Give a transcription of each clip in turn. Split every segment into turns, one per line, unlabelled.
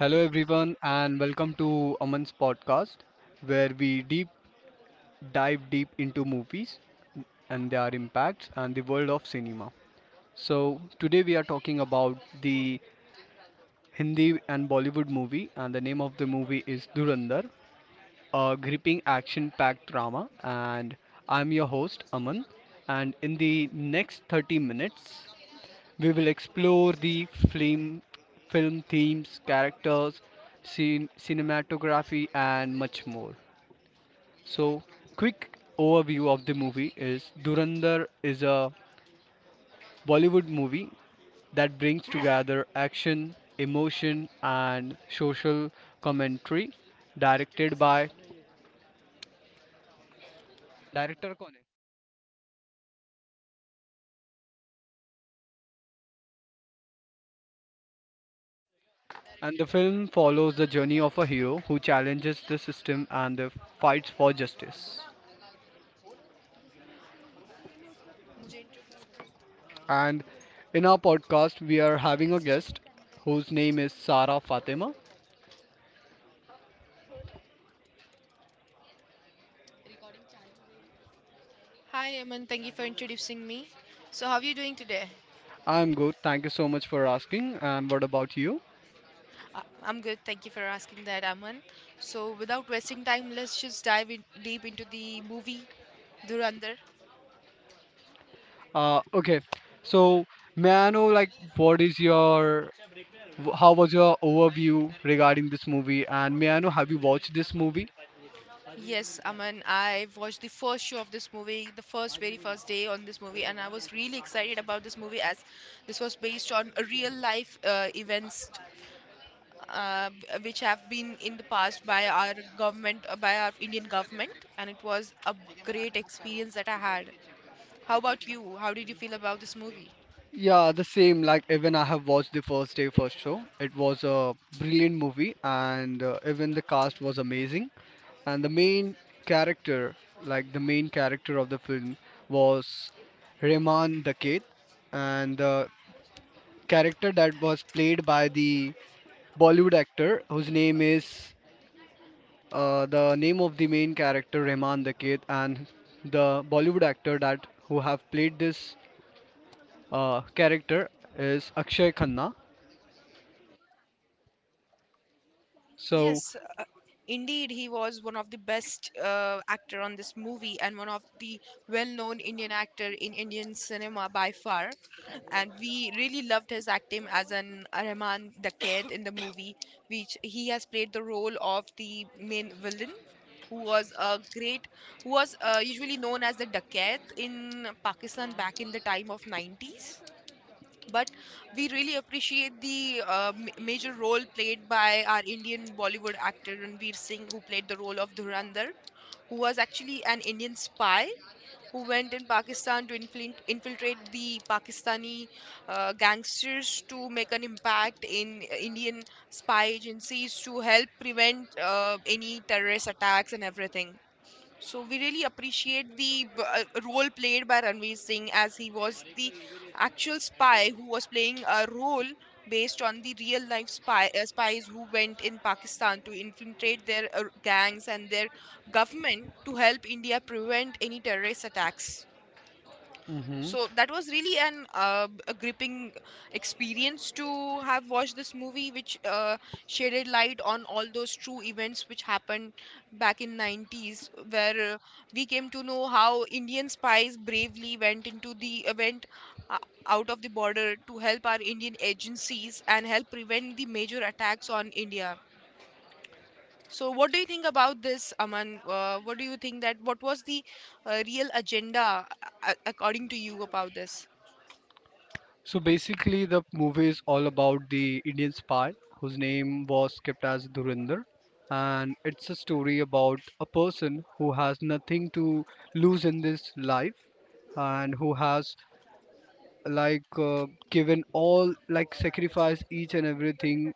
Hello, everyone, and welcome to Aman's podcast, where we deep dive deep into movies and their impacts and the world of cinema. So, today we are talking about the Hindi and Bollywood movie, and the name of the movie is Durandar, a gripping action packed drama. And I'm your host, Aman. And in the next 30 minutes, we will explore the film themes, characters, scene, cinematography, and much more. So, quick overview of the movie is Durandar is a Bollywood movie that brings together action, emotion, and social commentary, directed by director Kone. And the film follows the journey of a hero who challenges the system and the fights for justice.
मुझे introduce.
And in our podcast, we are having a guest whose name is Sara Fatima.
Hi Aman, thank you for introducing me. So how are you doing today?
I'm good. Thank you so much for asking. And what about you?
I'm good. Thank you for asking that, Aman. So without wasting time, let's just dive in deep into the movie Durandar.
Okay. So, may I know, like, what is your, how was your overview regarding this movie? And may I know, have you watched this movie?
Yes, Aman, I watched the first show of this movie, the first very first day on this movie, and I was really excited about this movie as this was based on a real life events uh, which have been in the past by our government, by our Indian government, and it was a great experience that I had. How about you? How did you feel about this movie?
Yeah, the same. Like, even I have watched the first day, first show. It was a brilliant movie, and even the cast was amazing. And the character, main character of the film, was Rehman the Kid, and the character that was played by the Bollywood actor whose name is the name of the main character Rehman the Kid, and the Bollywood actor that who have played this character is Akshay Khanna. So,
Yes, indeed, he was one of the best actor on this movie and one of the well-known Indian actor in Indian cinema by far. And we really loved his acting as an Rahman the kid in the movie, which he has played the role of the main villain. Who was a great, who was usually known as the Dakat in Pakistan back in the time of 90s, but we really appreciate the major role played by our Indian Bollywood actor Ranveer Singh, who played the role of Dhurandhar, who was actually an Indian spy who went in Pakistan to infiltrate the Pakistani gangsters to make an impact in Indian spy agencies to help prevent any terrorist attacks and everything. So we really appreciate the role played by Ranveer Singh as he was the actual spy who was playing a role based on the real life spies who went in Pakistan to infiltrate their gangs and their government to help India prevent any terrorist attacks.
mhm.
So that was really an a gripping experience to have watched this movie, which shaded light on all those true events which happened back in 90s, where we came to know how Indian spies bravely went into the event uh, out of the border to help our Indian agencies and help prevent the major attacks on India. So, what do you think about this, Aman? What do you think that what was the real agenda, according to you, about this?
So basically, the movie is all about the Indian spy whose name was kept as Dhurinder, and it's a story about a person who has nothing to lose in this life, and who has given all, like sacrificed each and everything,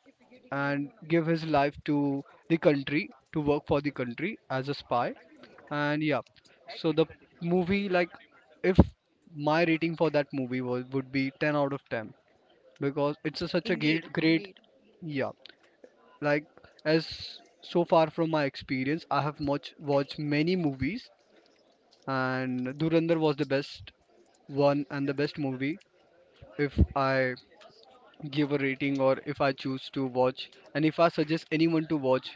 and give his life to the country to work for the country as a spy, and yeah, so the movie like if my rating for that movie was would be 10 out of 10 because it's a, such a great
Indeed,
great
indeed.
yeah like as so far from my experience I have much watched many movies and Durandar was the best one and the best movie if I give a rating or if I choose to watch and if I suggest anyone to watch,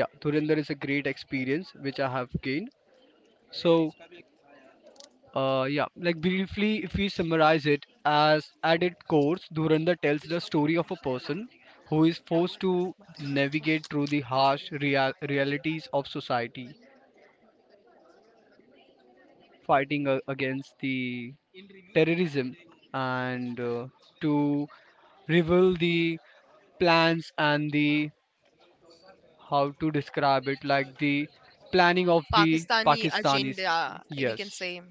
yeah, Durandar is a great experience which I have gained. So yeah, like briefly, if we summarize it as at its core, Dhurandhar tells the story of a person who is forced to navigate through the harsh realities of society, fighting against the terrorism and to reveal the plans and the how to describe it like the planning of the
Pakistani
Pakistanis.
agenda, we can
Yes.
say,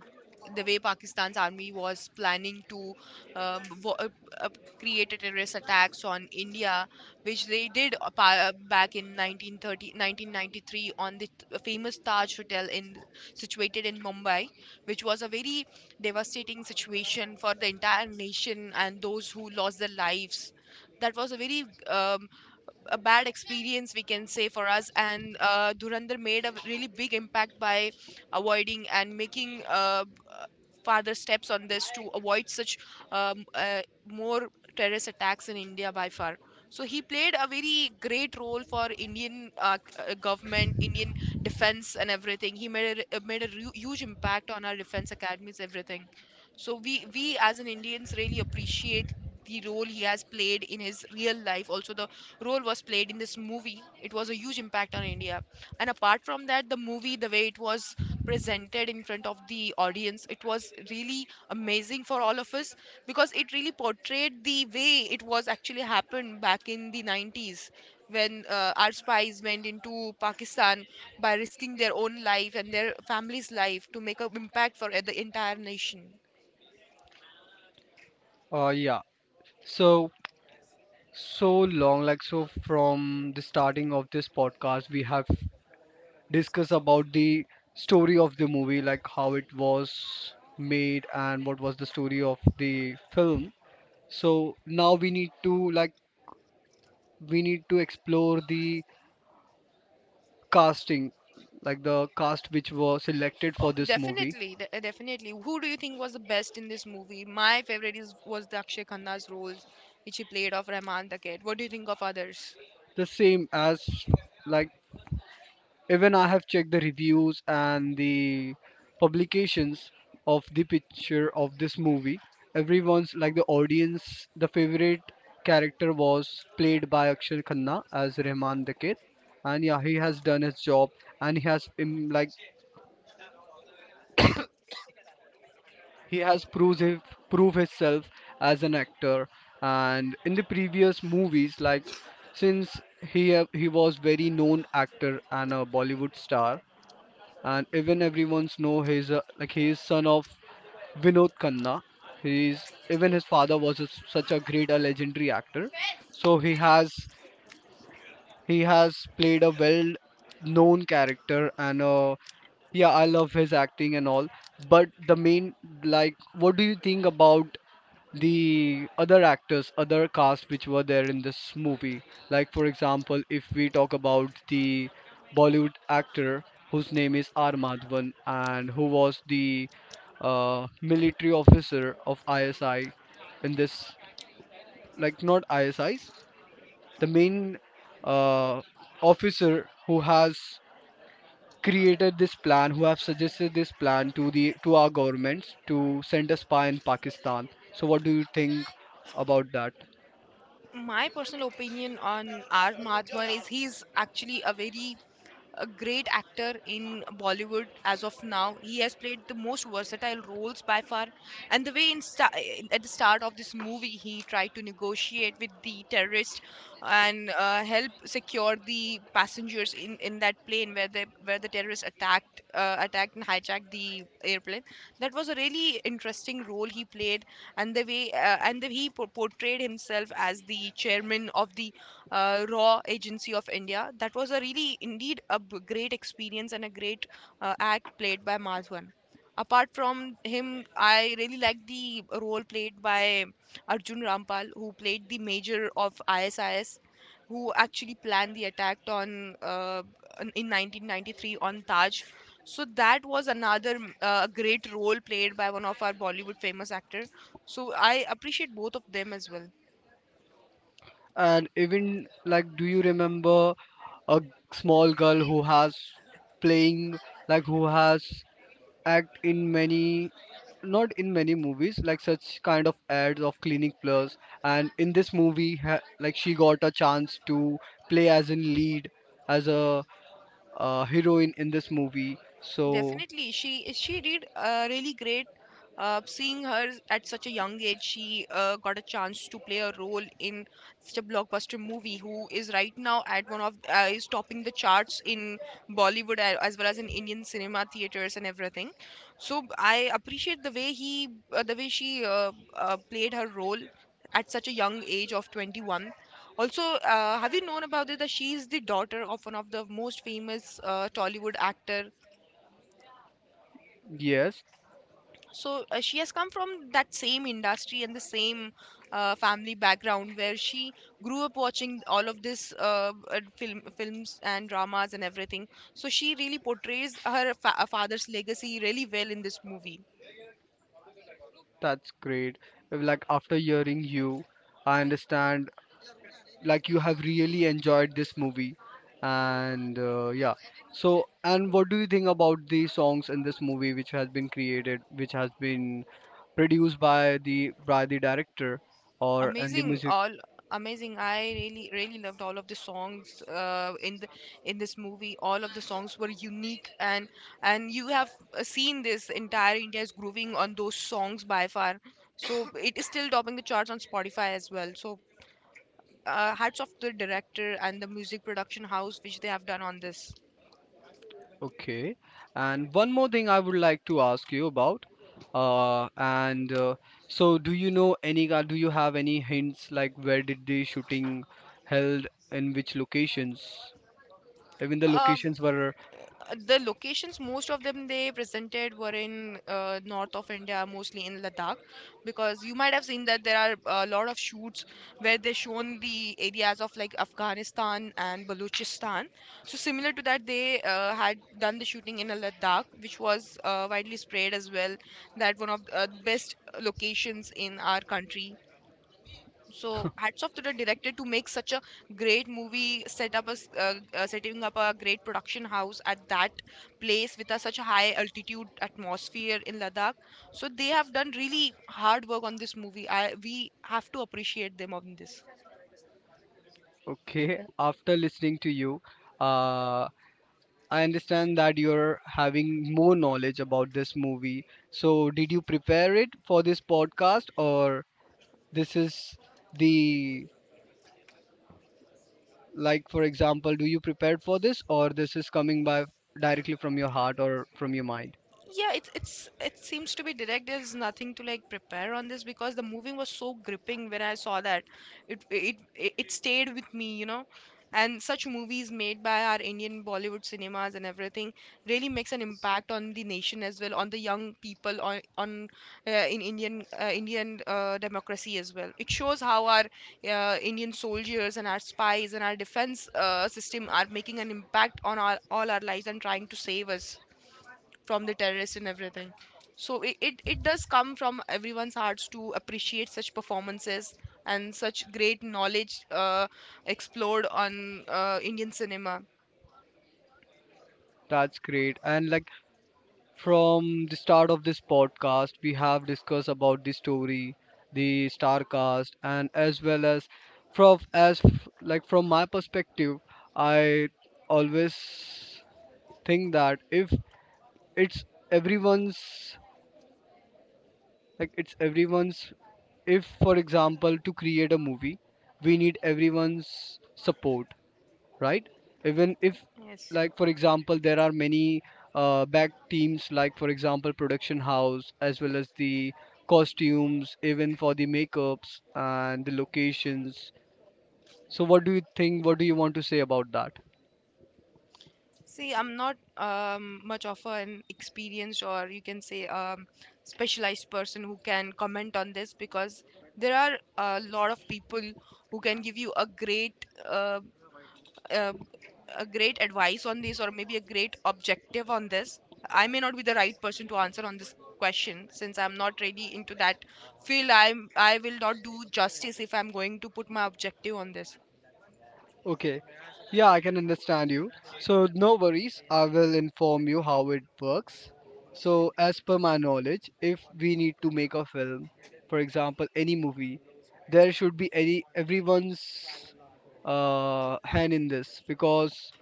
the way Pakistan's army was planning to um, vo- uh, uh, create a terrorist attacks on India, which they did back in 1993 on the famous Taj Hotel in situated in Mumbai, which was a very devastating situation for the entire nation and those who lost their lives. That was a very a bad experience we can say for us and Dhurandhar made a really big impact by avoiding and making further steps on this to avoid such more terrorist attacks in India by far. So he played a very great role for Indian government, Indian defense, and everything. He made a huge impact on our defense academies, everything. So we as an Indians really appreciate the role he has played in his real life, also the role was played in this movie. It was a huge impact on India. And apart from that, the movie, the way it was presented in front of the audience, it was really amazing for all of us because it really portrayed the way it was actually happened back in the 90s, when our spies went into Pakistan by risking their own life and their family's life to make an impact for the entire nation.
Yeah. So so long like so from the starting of this podcast we have discussed about the story of the movie like how it was made and what was the story of the film, so now we need to like we need to explore the casting, like the cast which was selected for
Oh,
this movie.
definitely, definitely. Who do you think was the best in this movie? My favorite is was the Akshay Khanna's role, which he played of Rahman the Cat. What do you think of others?
The same as like, even I have checked the reviews and the publications of the picture of this movie. Everyone's like the audience, the favorite character was played by Akshay Khanna as Rahman Dakit. And yeah, he has done his job and he has proved prove himself as an actor. And in the previous movies, like since he was very known actor and a Bollywood star, and even everyone's know he's like he is son of Vinod Khanna. He's Even his father was a, such a great a legendary actor. So he has played a well known character and yeah I love his acting and all. But the main like what do you think about the other actors, other cast which were there in this movie. Like, for example, if we talk about the Bollywood actor whose name is R. Madhavan and who was the military officer of ISI in this, like, not ISIs, the main uh, officer who has created this plan who have suggested this plan to the to our governments to send a spy in Pakistan. So what do you think about that?
My personal opinion on R. Madhavan is he's actually a very a great actor in Bollywood as of now. He has played the most versatile roles by far. And the way at the start of this movie, he tried to negotiate with the terrorist and help secure the passengers in that plane where the terrorists attacked and hijacked the airplane. That was a really interesting role he played, and the way and the, he portrayed himself as the chairman of the Raw Agency of India. That was a really, indeed, a great experience and a great act played by Madhwan. Apart from him, I really like the role played by Arjun Rampal, who played the major of ISIS, who actually planned the attack on in 1993 on Taj. So that was another great role played by one of our Bollywood famous actor. So I appreciate both of them as well.
And even like, do you remember a small girl who has playing like who has act in many, not in many movies like such kind of ads of Clinic Plus, and in this movie like she got a chance to play as in lead as a heroine in this movie? So
Definitely, she did really great. Seeing her at such a young age, she got a chance to play a role in such a blockbuster movie. Who is right now at one of is topping the charts in Bollywood as well as in Indian cinema theaters and everything. So I appreciate the way she played her role at such a young age of 21. Also, have you known about it that she is the daughter of one of the most famous Tollywood actor.
yes,
So she has come from that same industry and the same family background where she grew up watching all of this films and dramas and everything. So she really portrays her father's legacy really well in this movie.
that's great. Like after hearing you, I understand, like, you have really enjoyed this movie. And yeah, so and what do you think about the songs in this movie which has been created, which has been produced by the director or and the
Amazing,
music?
all amazing. I really, really loved all of the songs in this movie. All of the songs were unique, and you have seen this entire India's grooving on those songs by far. So it is still topping the charts on Spotify as well. So hats off to the director and the music production house which they have done on this.
Okay, and one more thing I would like to ask you about, and so do you know any do you have any hints like where did the shooting held in which locations, even the
Um,
locations were?
the locations, most of them they presented, were in north of India, mostly in Ladakh, because you might have seen that there are a lot of shoots where they shown the areas of like Afghanistan and Balochistan. So similar to that, they had done the shooting in a Ladakh, which was widely spread as well. That one of the best locations in our country. So hats off to the director to make such a great movie, set up setting up a great production house at that place with such a high altitude atmosphere in Ladakh. So they have done really hard work on this movie. I, we have to appreciate them on this.
Okay, after listening to you, uh, I understand that you're having more knowledge about this movie. So, did you prepare it for this podcast, or this is the like, for example, do you prepare for this, or this is coming by directly from your heart or from your mind?
Yeah, it seems to be direct. There's nothing to like prepare on this because the movie was so gripping. When I saw that, it stayed with me, you know. And such movies made by our Indian Bollywood cinemas and everything really makes an impact on the nation as well, on the young people, on in indian Indian democracy as well. It shows how our Indian soldiers and our spies and our defense system are making an impact on our all our lives and trying to save us from the terrorists and everything. So it does come from everyone's hearts to appreciate such performances and such great knowledge explored on Indian cinema.
That's great. And like, from the start of this podcast, we have discussed about the story, the star cast, and as well as from like from my perspective, I always think that if it's everyone's like it's everyone's if for example to create a movie, we need everyone's support, right? Even if,
Yes.
like, for example, there are many back teams, like, for example, production house, as well as the costumes, even for the makeups and the locations. So, what do you think? What do you want to say about that?
See, I'm not much of an experienced, or you can say specialized person who can comment on this because there are a lot of people who can give you uh, uh, a great advice on this, or maybe a great objective on this. I may not be the right person to answer on this question since I'm not really into that field. I will not do justice if I'm going to put my objective on this.
Okay. Yeah, I can understand you. So, no worries. I will inform you how it works. So, as per my knowledge, if we need to make a film, for example, any movie, there should be any everyone's hand in this because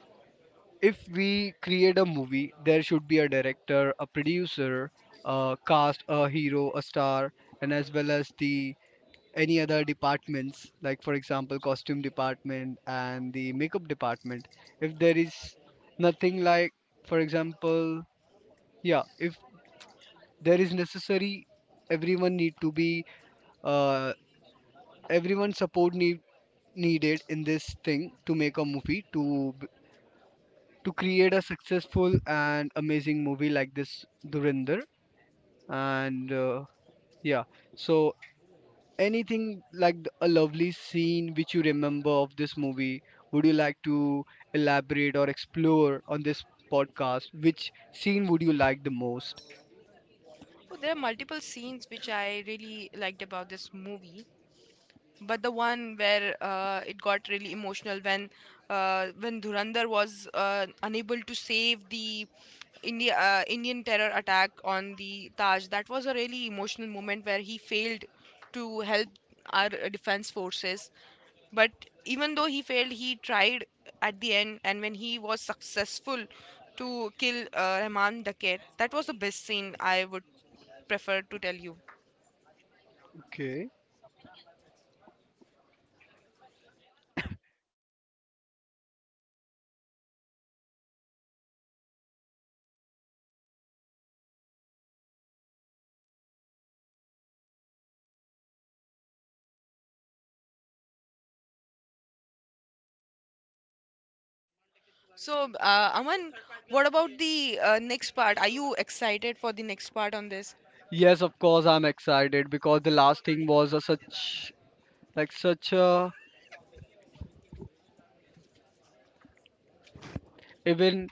if we create a movie, there should be a director, a producer, a cast, a hero, a star, and as well as the any other departments like for example costume department and the makeup department if there is nothing like for example yeah if there is necessary everyone need to be uh, everyone support needed in this thing to make a movie to create a successful and amazing movie like this Durinder. And yeah, so anything like a lovely scene which you remember of this movie, would you like to elaborate or explore on this podcast? Which scene would you like the most?
Oh, there are multiple scenes which I really liked about this movie, but the one where it got really emotional when when Dhurandhar was unable to save the Indian terror attack on the Taj. That was a really emotional moment where he failed to help our defense forces. But even though he failed, he tried at the end, and when he was successful to kill Rahman Dakir, that was the best scene I would prefer to tell you.
Okay.
So, Aman, what about the next part? Are you excited for the next part on this?
Yes, of course I'm excited because the last thing was a such like such a, even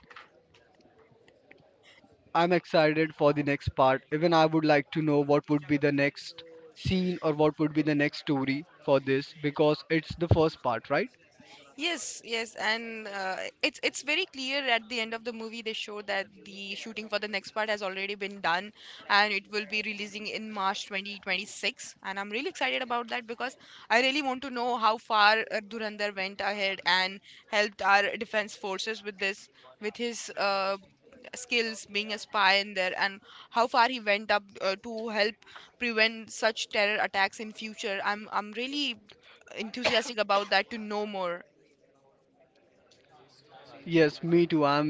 I'm excited for the next part, even I would like to know what would be the next scene or what would be the next story for this because it's the first part, right?
Yes, yes, and it's very clear at the end of the movie they show that the shooting for the next part has already been done, and it will be releasing in March 2026. And I'm really excited about that because I really want to know how far Dhurandhar went ahead and helped our defense forces with this, with his skills being a spy in there, and how far he went up to help prevent such terror attacks in future. I'm really enthusiastic about that to know more.
Yes, me too. i'm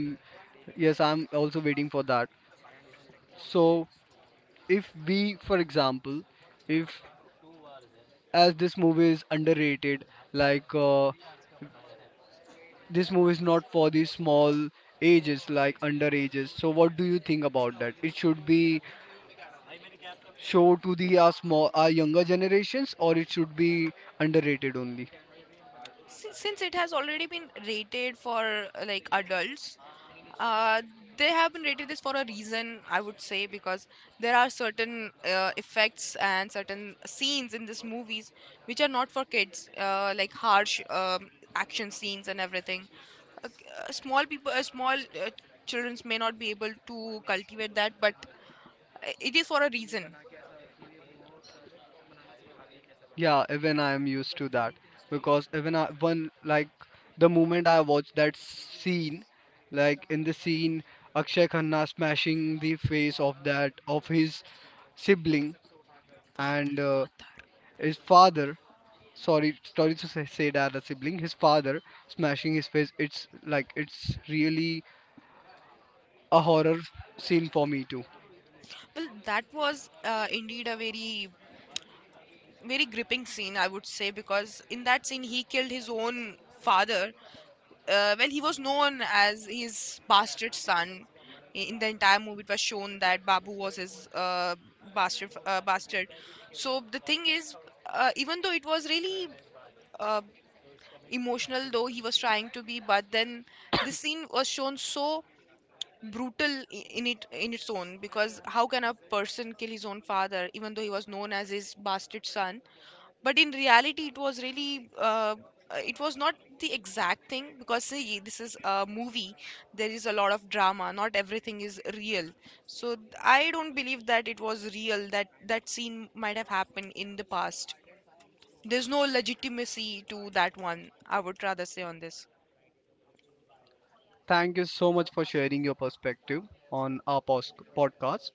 yes i'm also waiting for that. So, if we, for example, if as this movie is underrated, like this movie is not for the small ages, like underages. So, what do you think about that? It should be show to the our small, our younger generations, or it should be underrated only.
Since it has already been rated for like adults, uh, they have been rated this for a reason, I would say, because there are certain effects and certain scenes in these movies which are not for kids, like harsh action scenes and everything. uh, Small people, small children may not be able to cultivate that, but it is for a reason.
Yeah, even I am used to that because even I, one like the moment I watched that scene, like in the scene, Akshay Khanna smashing the face of that of his sibling and
father father
his father, sorry to say that a sibling his father smashing his face, it's like it's really a horror scene for me too.
Well, that was indeed a very, very gripping scene, I would say, because in that scene he killed his own father. Well, he was known as his bastard son. In the entire movie, it was shown that Babu was his bastard. Bastard. So the thing is, even though it was really uh, emotional, though he was trying to be, but then this scene was shown so brutal in it in its own, because how can a person kill his own father, even though he was known as his bastard son? But in reality it was really it was not the exact thing, because see, this is a movie, there is a lot of drama, not everything is real. So I don't believe that it was real, that that scene might have happened in the past. There's no legitimacy to that one, I would rather say on this.
Thank you so much for sharing your perspective on our podcast.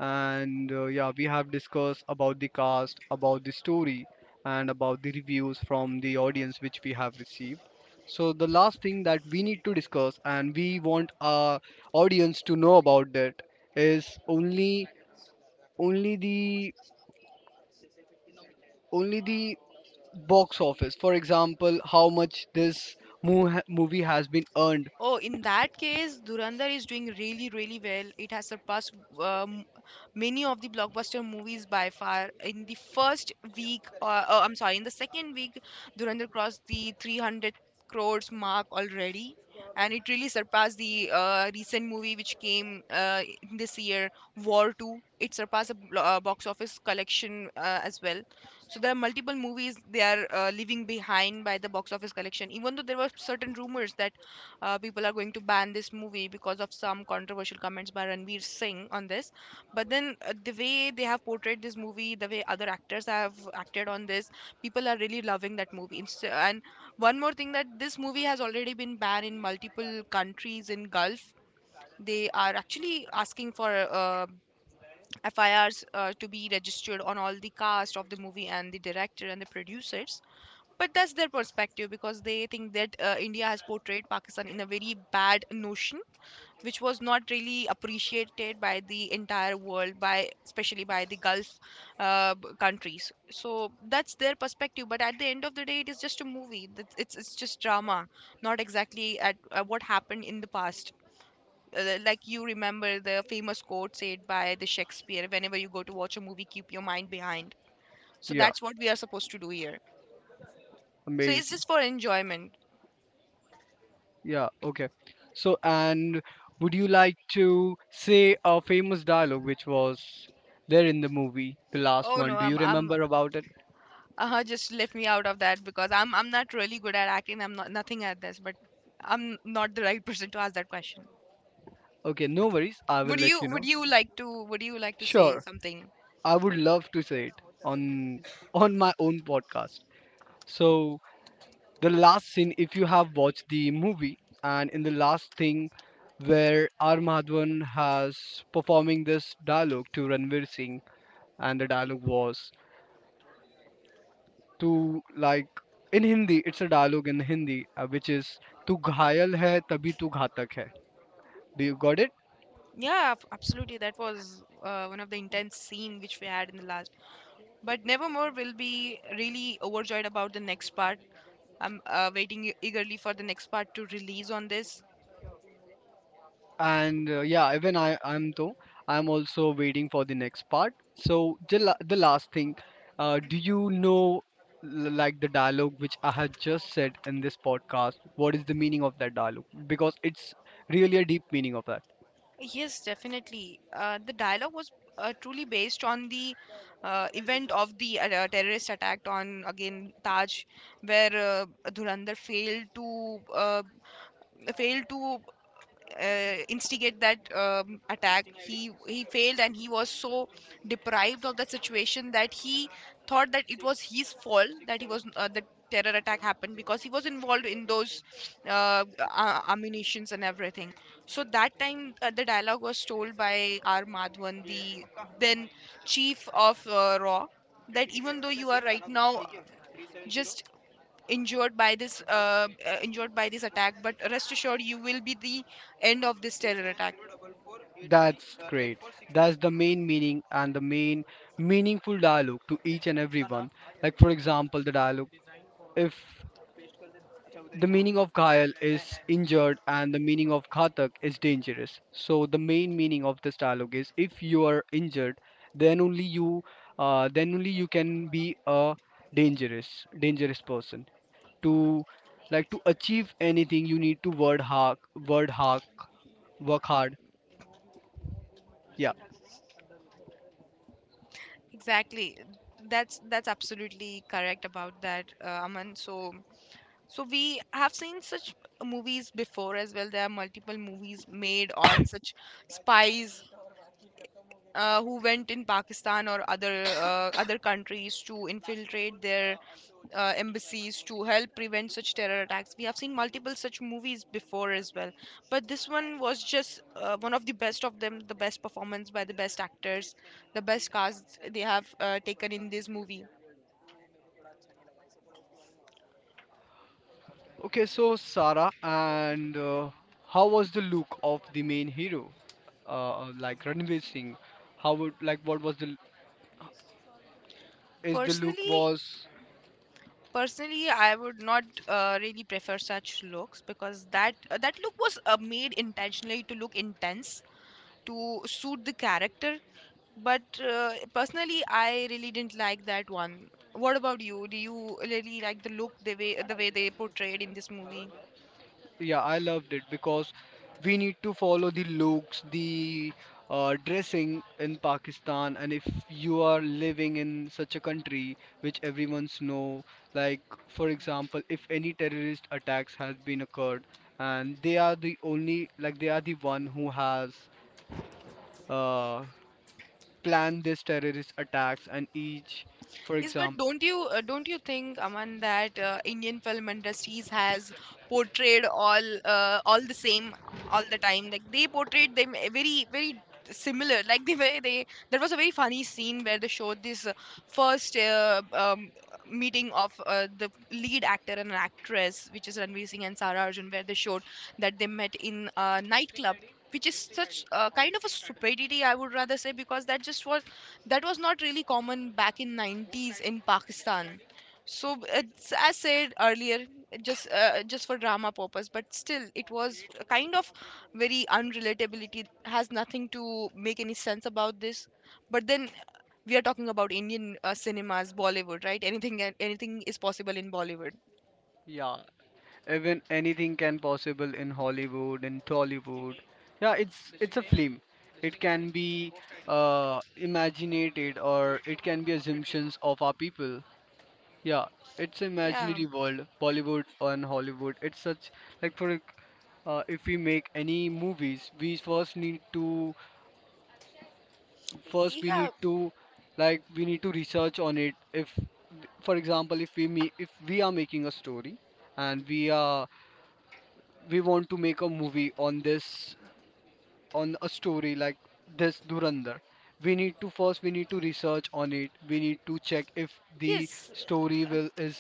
And yeah, we have discussed about the cast, about the story, and about the reviews from the audience which we have received. So the last thing that we need to discuss and we want our audience to know about that is only the only the box office, for example how much this movie has been earned.
Oh, in that case, Dhurandhar is doing really, really well. It has surpassed um, many of the blockbuster movies by far. In the first week, oh, I'm sorry, in the second week, Dhurandhar crossed the 300 crores mark already, and it really surpassed the recent movie which came this year, War 2. It surpassed a box office collection as well. So there are multiple movies they are leaving behind by the box office collection. Even though there were certain rumors that people are going to ban this movie because of some controversial comments by Ranveer Singh on this. But then the way they have portrayed this movie, the way other actors have acted on this, people are really loving that movie. And one more thing, that this movie has already been banned in multiple countries in Gulf. They are actually asking for FIRs to be registered on all the cast of the movie and the director and the producers, but that's their perspective because they think that India has portrayed Pakistan in a very bad notion, which was not really appreciated by the entire world, by especially by the Gulf countries. So that's their perspective, but at the end of the day, it is just a movie. It's just drama, not exactly at what happened in the past. Like, you remember the famous quote said by the Shakespeare, whenever you go to watch a movie keep your mind behind. So
Yeah,
that's what we are supposed to do here. So it's
amazing.
just for enjoyment.
Yeah, okay. So and would you like to say a famous dialogue which was there in the movie, the last
Oh no,
one, do
I'm
you
I'm
remember about it?
uh just left me out of that because I'm not really good at acting. I'm not nothing at this, but I'm not the right person to ask that question.
Okay, no worries, I will
Would
let
you
you know.
would you like to would you like to say
Sure,
something?
I would love to say it on my own podcast. So the last scene, if you have watched the movie, and in the last thing where R Madhavan has performing this dialogue to Ranveer Singh, and the dialogue was to like in Hindi, it's a dialogue in Hindi, which is tu ghayal hai tabhi tu ghatak hai. Do you got it?
Yeah, absolutely. That was one of the intense scene which we had in the last. But Nevermore will be really overjoyed about the next part. I'm waiting eagerly for the next part to release on this.
And yeah, even I'm though I'm also waiting for the next part. So the, the last thing, do you know like the dialogue which I had just said in this podcast, what is the meaning of that dialogue because it's really a deep meaning of that?
Yes, definitely. The dialogue was truly based on the event of the terrorist attack on again Taj, where Dhurandhar failed to failed to instigate that attack. He failed and he was so deprived of that situation that he thought that it was his fault, that he was the terror attack happened because he was involved in those ammunitions and everything. So that time, the dialogue was told by R Madhavan, the then chief of RAW, that even though you are right now just injured by this attack, but rest assured you will be the end of this terror attack.
That's great. That's the main meaning and the main meaningful dialogue to each and everyone, like for example the dialogue if. The meaning of Ghayal is injured and the meaning of Ghatak is dangerous. So the main meaning of this dialogue is if you are injured, then only you then only you can be a dangerous dangerous person. To like to achieve anything you need to word hard work hard. Yeah.
Exactly, that's absolutely correct about that, Aman. So we have seen such movies before as well. There are multiple movies made on such spies, who went in Pakistan or other other countries to infiltrate their embassies to help prevent such terror attacks. We have seen multiple such movies before as well, but this one was just one of the best of them, the best performance by the best actors, the best casts they have taken in this movie.
Okay, so Sarah and how was the look of the main hero? Like Ranveer Singh. How would like what was the is the look
Personally,
was.
personally, I would not really prefer such looks because that that look was made intentionally to look intense to suit the character. But personally, I really didn't like that one. What about you? Do you really like the look, the way they portrayed in this movie?
Yeah, I loved it because we need to follow the looks, the dressing in Pakistan, and if you are living in such a country which everyone's know, like for example if any terrorist attacks has been occurred and they are the only like they are the one who has uh, planned this terrorist attacks and each for
Yes, but
example.
don't you think, Aman, that Indian film industries has portrayed all the same all the time? Like, they portrayed them very, very similar. Like, they there was a very funny scene where they showed this first meeting of the lead actor and an actress, which is Ranveer Singh and Sara Arjun, where they showed that they met in a nightclub. Which is such a kind of a stupidity, I would rather say, because that was not really common back in 90s in Pakistan. So it's as said earlier, just for drama purpose, but still it was a kind of very unrelatability. It has nothing to make any sense about this, but then we are talking about Indian cinemas, Bollywood, right? Anything, anything is possible in Bollywood.
Yeah, even anything can possible in Hollywood and Tollywood. Yeah, it's a film, it can be imaginated or it can be assumptions of our people. Yeah, it's
Yeah,
imaginary world Bollywood and Hollywood it's such. Like for if we make any movies we
yeah.
need to like we need to research on it if for example if we are making a story and we want to make a movie on this on a story like this Durandar. We need to research on it. We need to check if the
Yes,
story
uh,
will is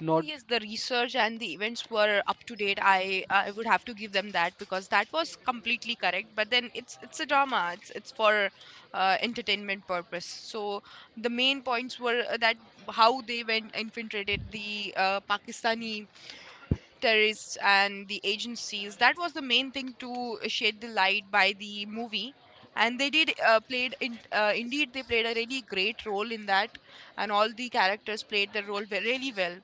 not.
yes, the research and the events were up to date. I would have to give them that because that was completely correct. But then it's a drama. It's for entertainment purpose. So the main points were that how they went infiltrated the Pakistani terrorists and the agencies. That was the main thing to shed the light by the movie. And they did played in, indeed they played a really great role in that, and all the characters played their role really well.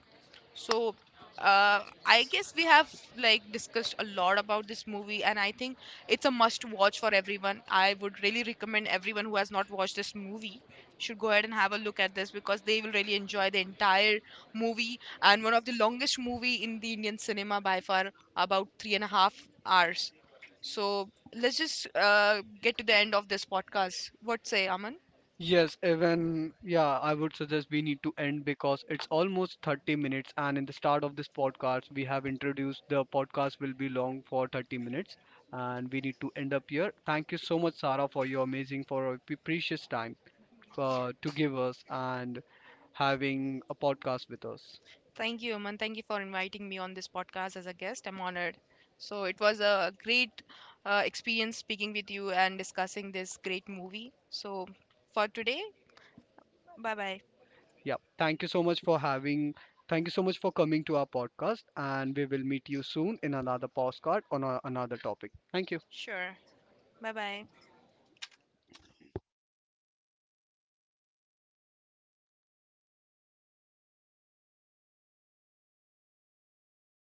So, I guess we have like discussed a lot about this movie, and I think it's a must watch for everyone. I would really recommend everyone who has not watched this movie should go ahead and have a look at this, because they will really enjoy the entire movie, and one of the longest movie in the Indian cinema by far, about 3.5 hours. So let's just get to the end of this podcast. What say, Aman?
Yes, even yeah, I would suggest we need to end because it's almost 30 minutes and in the start of this podcast we have introduced the podcast will be long for 30 minutes and we need to end up here. Thank you so much Sarah for your amazing for your precious time to give us and having a podcast with us.
Thank you, Aman. Thank you for inviting me on this podcast as a guest. I'm honored. So it was a great experience speaking with you and discussing this great movie. So for today, bye bye.
Yeah, thank you so much for having, thank you so much for coming to our podcast and we will meet you soon in another podcast on another topic. Thank you.
Sure. Bye bye.